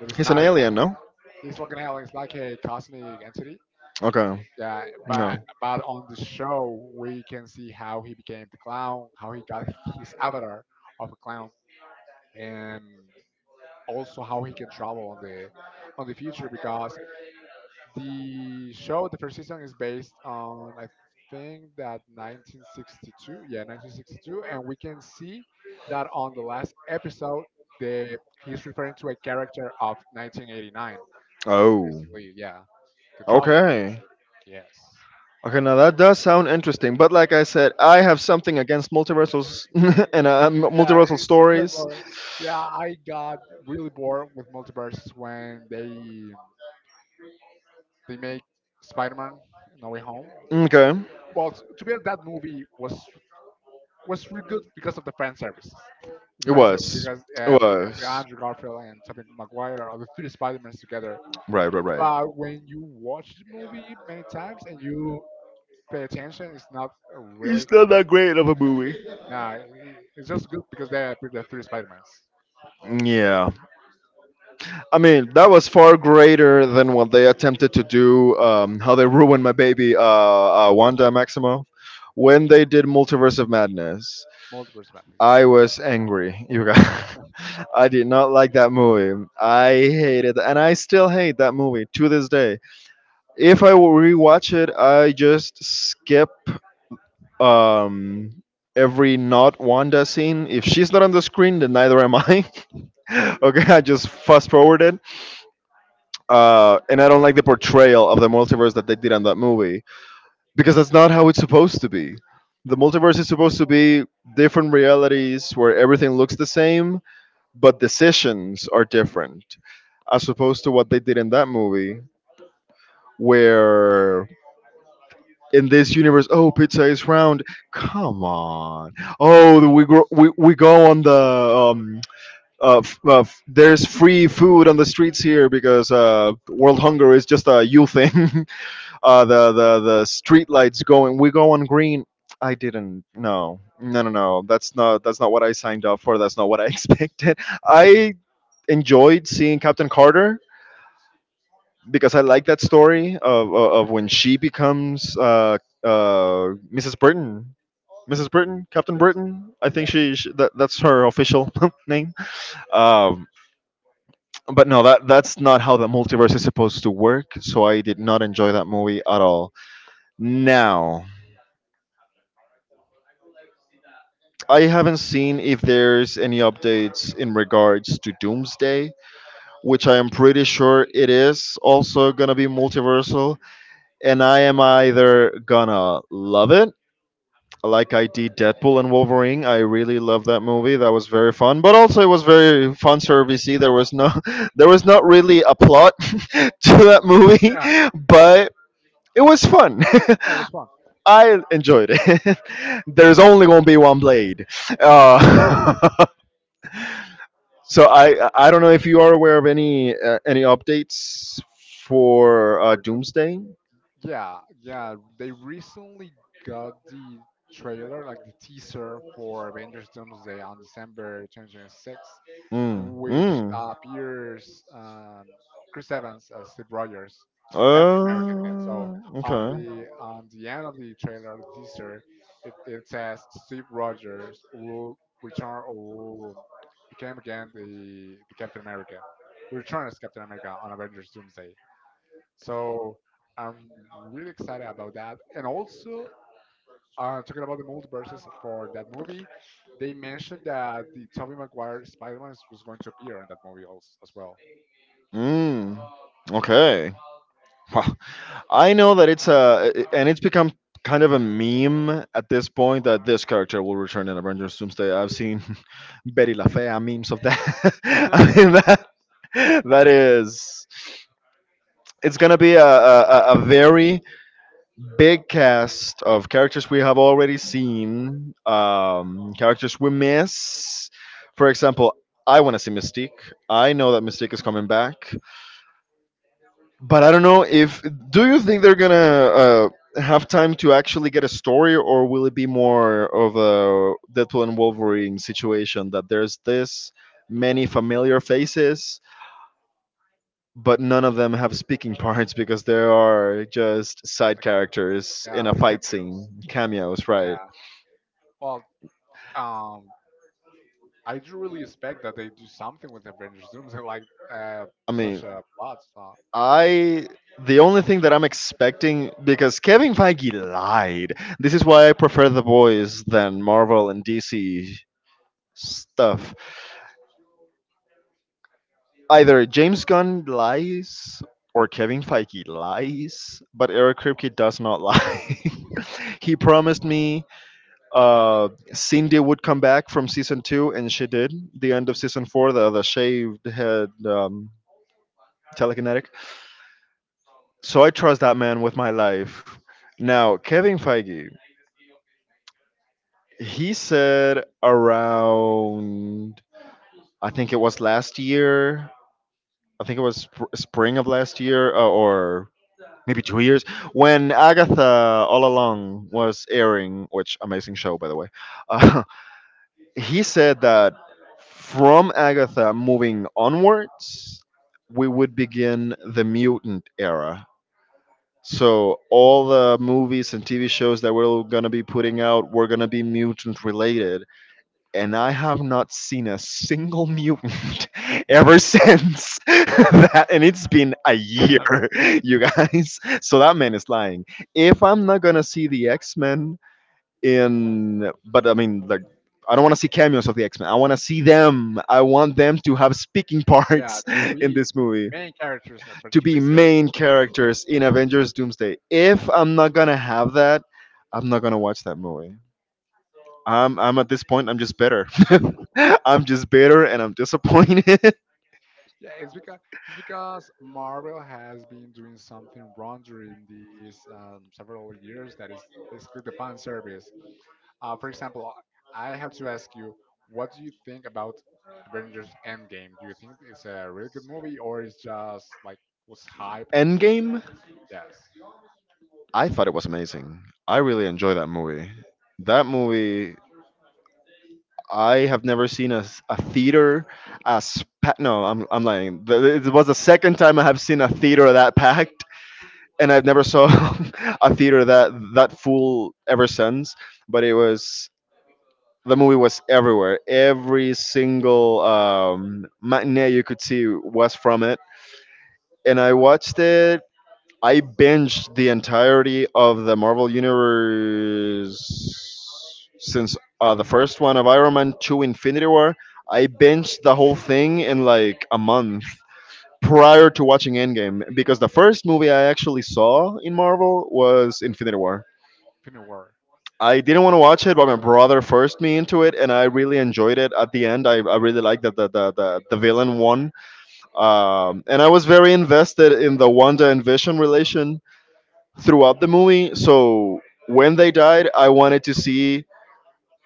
that is
He's an
not a
alien,
clown.
no?
He's looking alien. It's like a cosmic entity.
Okay.
Yeah,
No.
but on the show we can see how he became the clown, how he got his avatar of a clown, and also how he can travel on the future because the show, the first season, is based on I think that 1962. Yeah, 1962, and we can see that on the last episode, the he's referring to a character of 1989. So he
Oh.
basically, yeah, can travel.
Okay. Okay, now that does sound interesting, but like I said, I have something against multiversals and
Yeah,
multiversal
it's very
stories.
boring. Yeah, I got really bored with multiverses when they make Spider-Man No Way Home.
Okay.
Well, to be honest, that movie was really good because of the fan services. The
It
fan service
was.
because
It was.
Andrew Garfield and Tobey Maguire are the three Spider-Mans together.
Right, right, right.
But when you watch the movie many times and you pay attention, it's not really.
It's not that great of a movie.
Nah. It's just good because they are the three Spider-Mans,
Yeah. I mean, that was far greater than what they attempted to do, how they ruined my baby, Wanda Maximoff, when they did Multiverse of Madness.
multiple Spider-Mans. Yes,
I was angry, you guys. I did not like that movie. I hated, and I still hate that movie to this day. If I will rewatch it, I just skip um, every not Wanda scene. If she's not on the screen, then neither am I. Okay, I just fast forward it, and I don't like the portrayal of the multiverse that they did on that movie because that's not how it's supposed to be. The multiverse is supposed to be different realities where everything looks the same but decisions are different as opposed to what they did in that movie where in this universe, oh, pizza is round, come on. Oh, we grow, we go on the there's free food on the streets here because world hunger is just a you thing. The the street lights, going, we go on green. I didn't, no, no, no, no, that's not, that's not what I signed up for, that's not what I expected. I enjoyed seeing Captain Carter because I like that story of when she becomes Mrs. Burton. Mrs. Burton, Captain
yes,
Burton. I think
yeah,
she, that's her official name. Um, but no, that's not how the multiverse is supposed to work. So I did not enjoy that movie at all. Now, I haven't seen if there's any updates in regards to Doomsday, which I am pretty sure it is also gonna be multiversal, and I am either gonna love it, like I did Deadpool and Wolverine. I really love that movie. That was very fun, but also it was very fun servicey. There was there was not really a plot to that movie,
yeah.
but it was fun.
Yeah it was fun.
I enjoyed it. There's only gonna be one blade. Uh, so I don't know if you are aware of any updates for
For Doomsday.
Doomsday.
Yeah, yeah. They recently got the trailer, like the teaser for Avengers Doomsday on December 2026.
Mm,
Which
mm.
appears Chris Evans as Steve Rogers. It's a Captain America again. So
Oh, okay.
on the end of the trailer, the teaser, it says Steve Rogers will return or will became again the Captain America. Return as Captain America on Avengers Doomsday. So I'm really excited about that. And also talking about the multiverses for that movie, they mentioned that the Tobey Maguire Spider-Man was going to appear in that movie as well.
Mm,
Yeah,
okay. Wow. I know that it's and it's become kind of a meme at this point that this character will return in Avengers Doomsday. I've seen Betty La Fea memes of that. I mean, that is, it's gonna be a very big cast of characters we have already seen, characters we miss. For example, I want to see Mystique. I know that Mystique is coming back, but I don't know if. Do you think they're gonna have time to actually get a story, or will it be more of a Deadpool and Wolverine situation that there's this many familiar faces? But none of them have speaking parts because they are just side
like
characters
yeah,
in a
like a
fight
cameo.
scene, cameos, right?
Yeah. Well, um, I do really expect that they do something with Avengers Doom, like uh,
I
such
mean,
a plot. So.
I the only thing that I'm expecting, because Kevin Feige lied. This is why I prefer the boys than Marvel and DC stuff. Either James Gunn lies or Kevin Feige lies, but Eric Kripke does not lie. He promised me Cindy would come back from season 2, and she did. The end of season 4, the shaved head, telekinetic. So I trust that man with my life. Now, Kevin Feige, he said around, I think it was last year, I think it was spring of last year, or maybe 2 years, when Agatha All Along was airing, which amazing show, by the way. Uh, he said that from Agatha moving onwards, we would begin the mutant era. So all the movies and TV shows that we're gonna be putting out were gonna be mutant related, and I have not seen a single mutant ever since that, and it's been a year. You guys. So that man is lying. If I'm not gonna see the X Men, in, but I mean, like, I don't want to see cameos of the x-men, I want to see them, I want them to have speaking
yeah,
parts in
be
this movie
main characters, but
to be
participate.
main characters in Avengers Doomsday. If I'm not gonna have that, I'm not gonna watch that movie. I'm at this point, I'm just bitter. I'm just bitter and I'm disappointed.
Yeah, it's because Marvel has been doing something wrong during these several years, that is basically the fan service. For example, I have to ask you, what do you think about Avengers Endgame? Do you think it's a really good movie or it's just like was hype?
Endgame,
Yes,
I thought it was amazing. I really enjoy that movie. That movie, I have never seen a theater as packed. No, I'm lying. It was the second time I have seen a theater that packed, and I've never saw a theater that that full ever since. But it was, the movie was everywhere. Every single matinee you could see was from it, and I watched it I binged the entirety of the Marvel Universe since the first one of Iron Man to Infinity War. I binged the whole thing in like a month prior to watching Endgame, because the first movie I actually saw in Marvel was Infinity War.
Infinity War.
I didn't want to watch it, but my brother forced me into it, and I really enjoyed it. At the end, I really liked that the villain won. And I was very invested in the Wanda and Vision relation throughout the movie. So when they died, I wanted to see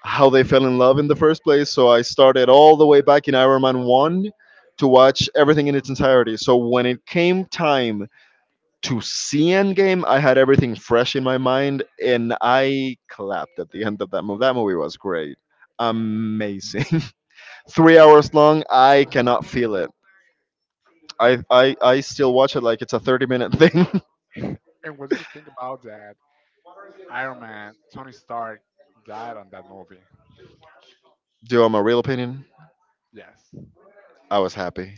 how they fell in love in the first place. So I started all the way back in Iron Man 1 to watch everything in its entirety. So when it came time to see Endgame, I had everything fresh in my mind and I clapped at the end of that movie. That movie was great. Amazing. 3 hours long, I cannot feel it. I still watch it like it's a 30-minute thing.
And what do you think about that? Iron Man, Tony Stark died on that movie.
Do you want my real opinion?
Yes.
I was happy.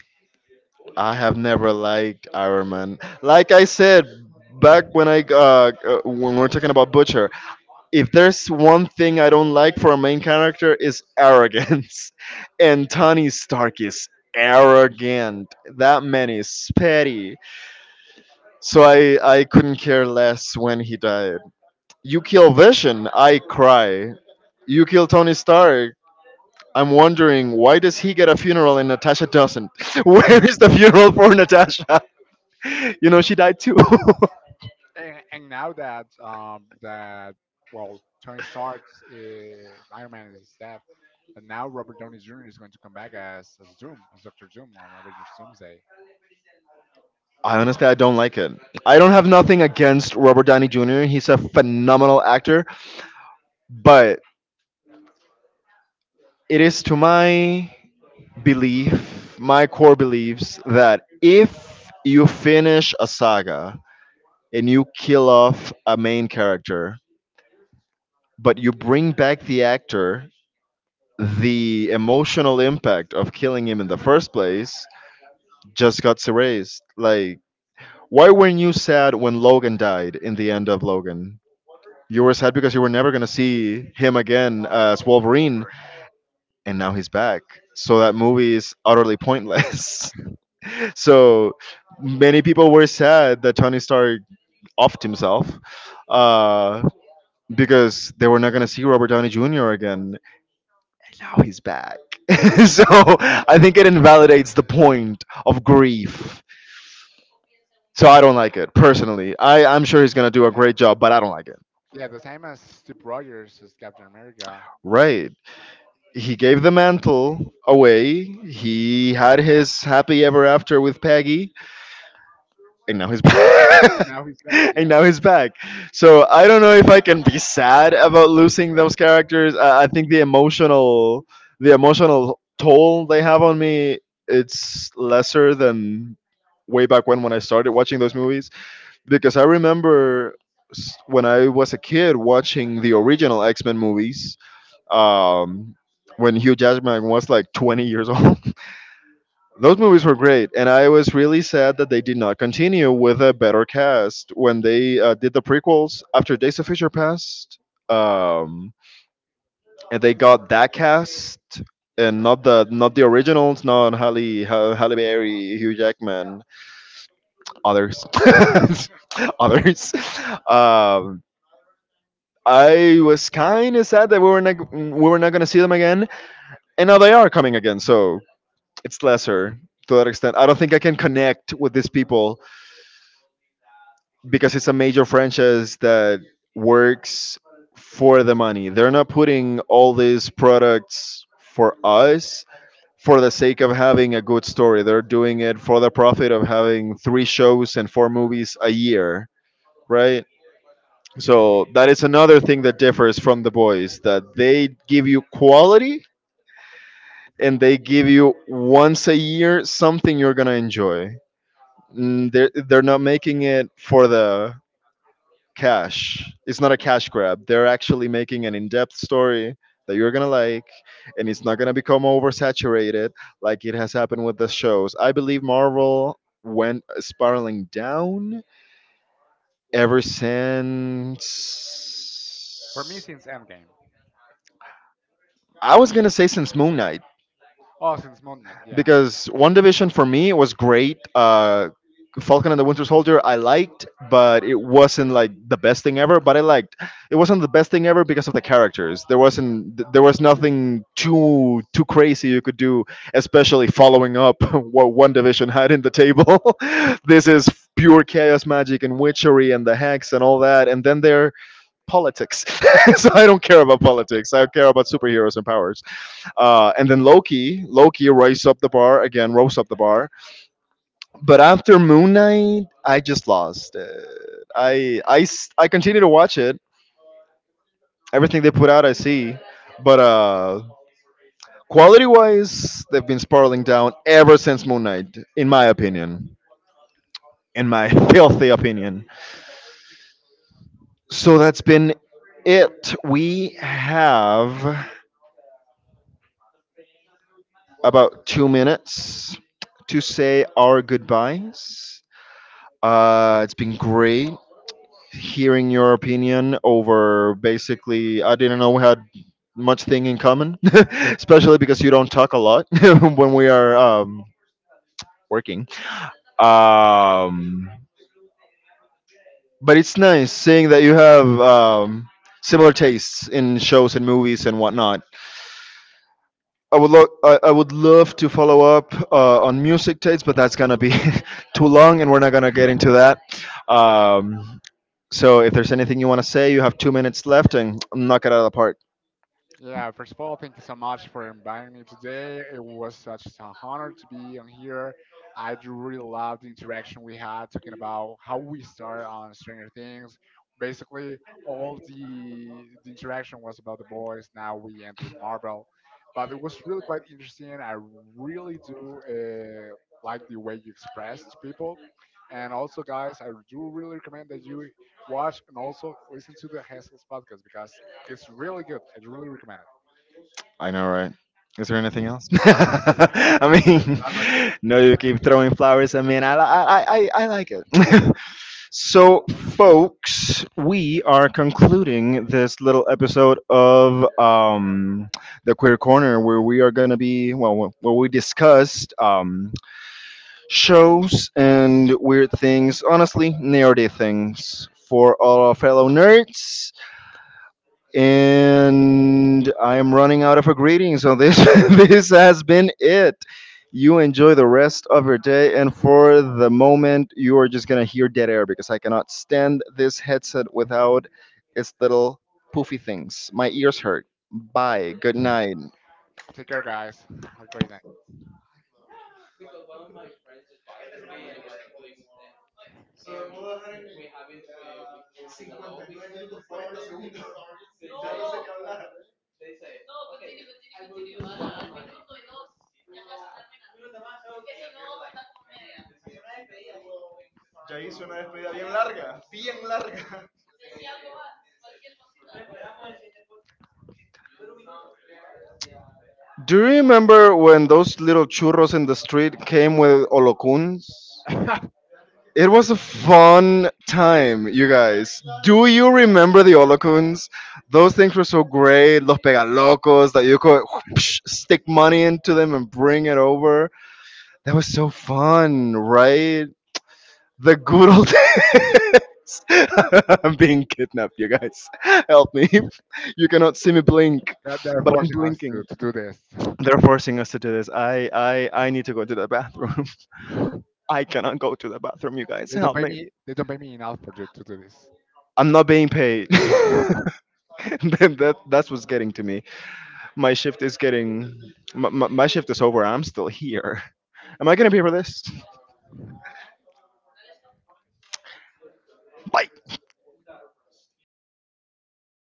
I have never liked Iron Man. Like I said, back when I when we're talking about Butcher, if there's one thing I don't like for a main character is arrogance, and Tony Stark is arrogant. That man is petty. So I couldn't care less when he died. You kill Vision, I cry. You kill Tony Stark. I'm wondering, why does he get a funeral and Natasha doesn't? Where is the funeral for Natasha? You know, she died too.
And now that that well Tony Stark's Iron Man is dead, but now Robert Downey Jr. is going to come back as Doom, as Doctor Doom on Avengers Doomsday.
I honestly I don't like it. I don't have nothing against Robert Downey Jr. He's a phenomenal actor, but it is to my belief, my core beliefs, that if you finish a saga and you kill off a main character, but you bring back the actor, the emotional impact of killing him in the first place just got erased. Like, why weren't you sad when Logan died in the end of Logan? You were sad because you were never going to see him again as Wolverine, and now he's back. So that movie is utterly pointless. So many people were sad that Tony Stark offed himself uh, because they were not going to see Robert Downey Jr. again, and now he's back. So I think it invalidates the point of grief. So I don't like it personally. I'm sure he's going to do a
Yeah,
great job, but I don't like it.
yeah, the same as Steve Rogers as Captain America.
Right. He gave the mantle away. He had his happy ever after with Peggy, and now he's back.
Now he's back.
And
Yeah,
now he's back. So I don't know if I can be sad about losing those characters. I think the emotional toll they have on me, it's lesser than way back when I started watching those movies because I remember when I was a kid watching the original X Men movies um, when Hugh Jackman was like 20 years old. Those movies were great, and I was really sad that they did not continue with a better cast when they did the prequels after Days of Future Past, um, and they got that cast and not the originals, not Halle Berry, Hugh Jackman, others, others. Um, I was kind of sad that we were not gonna see them again, and now they are coming again. So it's lesser to that extent. I don't think I can connect with these people because it's a major franchise that works for the money. They're not putting all these products for us for the sake of having a good story. They're doing it for the profit of having three shows and four movies a year, right? So that is another thing that differs from the boys, that they give you quality and they give you once a year something you're going to enjoy. Mm, they're not making it for the cash. It's not a cash grab. They're actually making an in-depth story that you're gonna like, and it's not gonna become oversaturated like it has happened with the shows. I believe Marvel went spiraling down ever since.
for me since Endgame.
I was gonna say since Moon Knight.
Oh, since Moon Knight. Yeah.
Because One Division for me was great. Falcon and the Winter Soldier I liked, but it wasn't like the best thing ever. But I liked It wasn't the best thing ever because of the characters. There was nothing too crazy you could do, especially following up what One Division had in the table. This is pure chaos magic and witchery and the hex and all that, and then there politics. So I don't care about politics. I care about superheroes and powers. And then Loki raised up the bar again, rose up the bar. But after Moon Knight, I just lost. It. I continue to watch it. Everything they put out, I see. But quality wise, they've been spiraling down ever since Moon Knight, in my opinion, in my filthy opinion. So that's been it. We have about 2 minutes to say our goodbyes. It's been great hearing your opinion over basically I didn't know we had much thing in common, especially because you don't talk a lot when we are working. Um, but it's nice seeing that you have similar tastes in shows and movies and whatnot. I would love to follow up on music tastes, but that's gonna be too long, and we're not gonna get into that. Um, so if there's anything you want to say, you have 2 minutes left, and knock it out of the park.
Yeah, first of all, thank you so much for inviting me today. It was such an honor to be on here. I do really love the interaction we had talking about how we started on Stranger Things. Basically, all the interaction was about the boys. Now we end with Marvel, but it was really quite interesting. I really do like the way you expressed people, and also, guys, I do really recommend that you watch and also listen to the Hessels podcast because it's really good. I really recommend it.
I know, right? Is there anything else? I mean,
That might be it.
no, you keep throwing flowers. I mean, I like it. So, folks, we are concluding this little episode of the Queer Corner, where we are going to be well, where we discussed shows and weird things. Honestly, nerdy things for all our fellow nerds, and I am running out of a greeting. So this this has been it. You enjoy the rest of your day, and for the moment, you are just gonna hear dead air because I cannot stand this headset without its little poofy things. My ears hurt. Bye. Good night.
Take care, guys. Have a great night.
Do you remember when those little churros in the street came with olocuns? It was a fun time, you guys. Do you remember the holocuns? Those things were so great. Los pegalocos that you could whoosh, stick money into them and bring it over. That was so fun, right? The good old days. I'm being kidnapped, you guys. Help me. You cannot see me blink,
That they're
but I'm
forcing us
blinking.
to do this.
They're forcing us to do this. I need to go to the bathroom.
They
I cannot go to the bathroom, you guys.
don't
Help
pay
me.
me. They don't pay me enough for you to do this.
I'm not being paid. that, that that's what's getting to me. My shift is getting my shift is over. I'm still here. Am I gonna pay for this? Bye.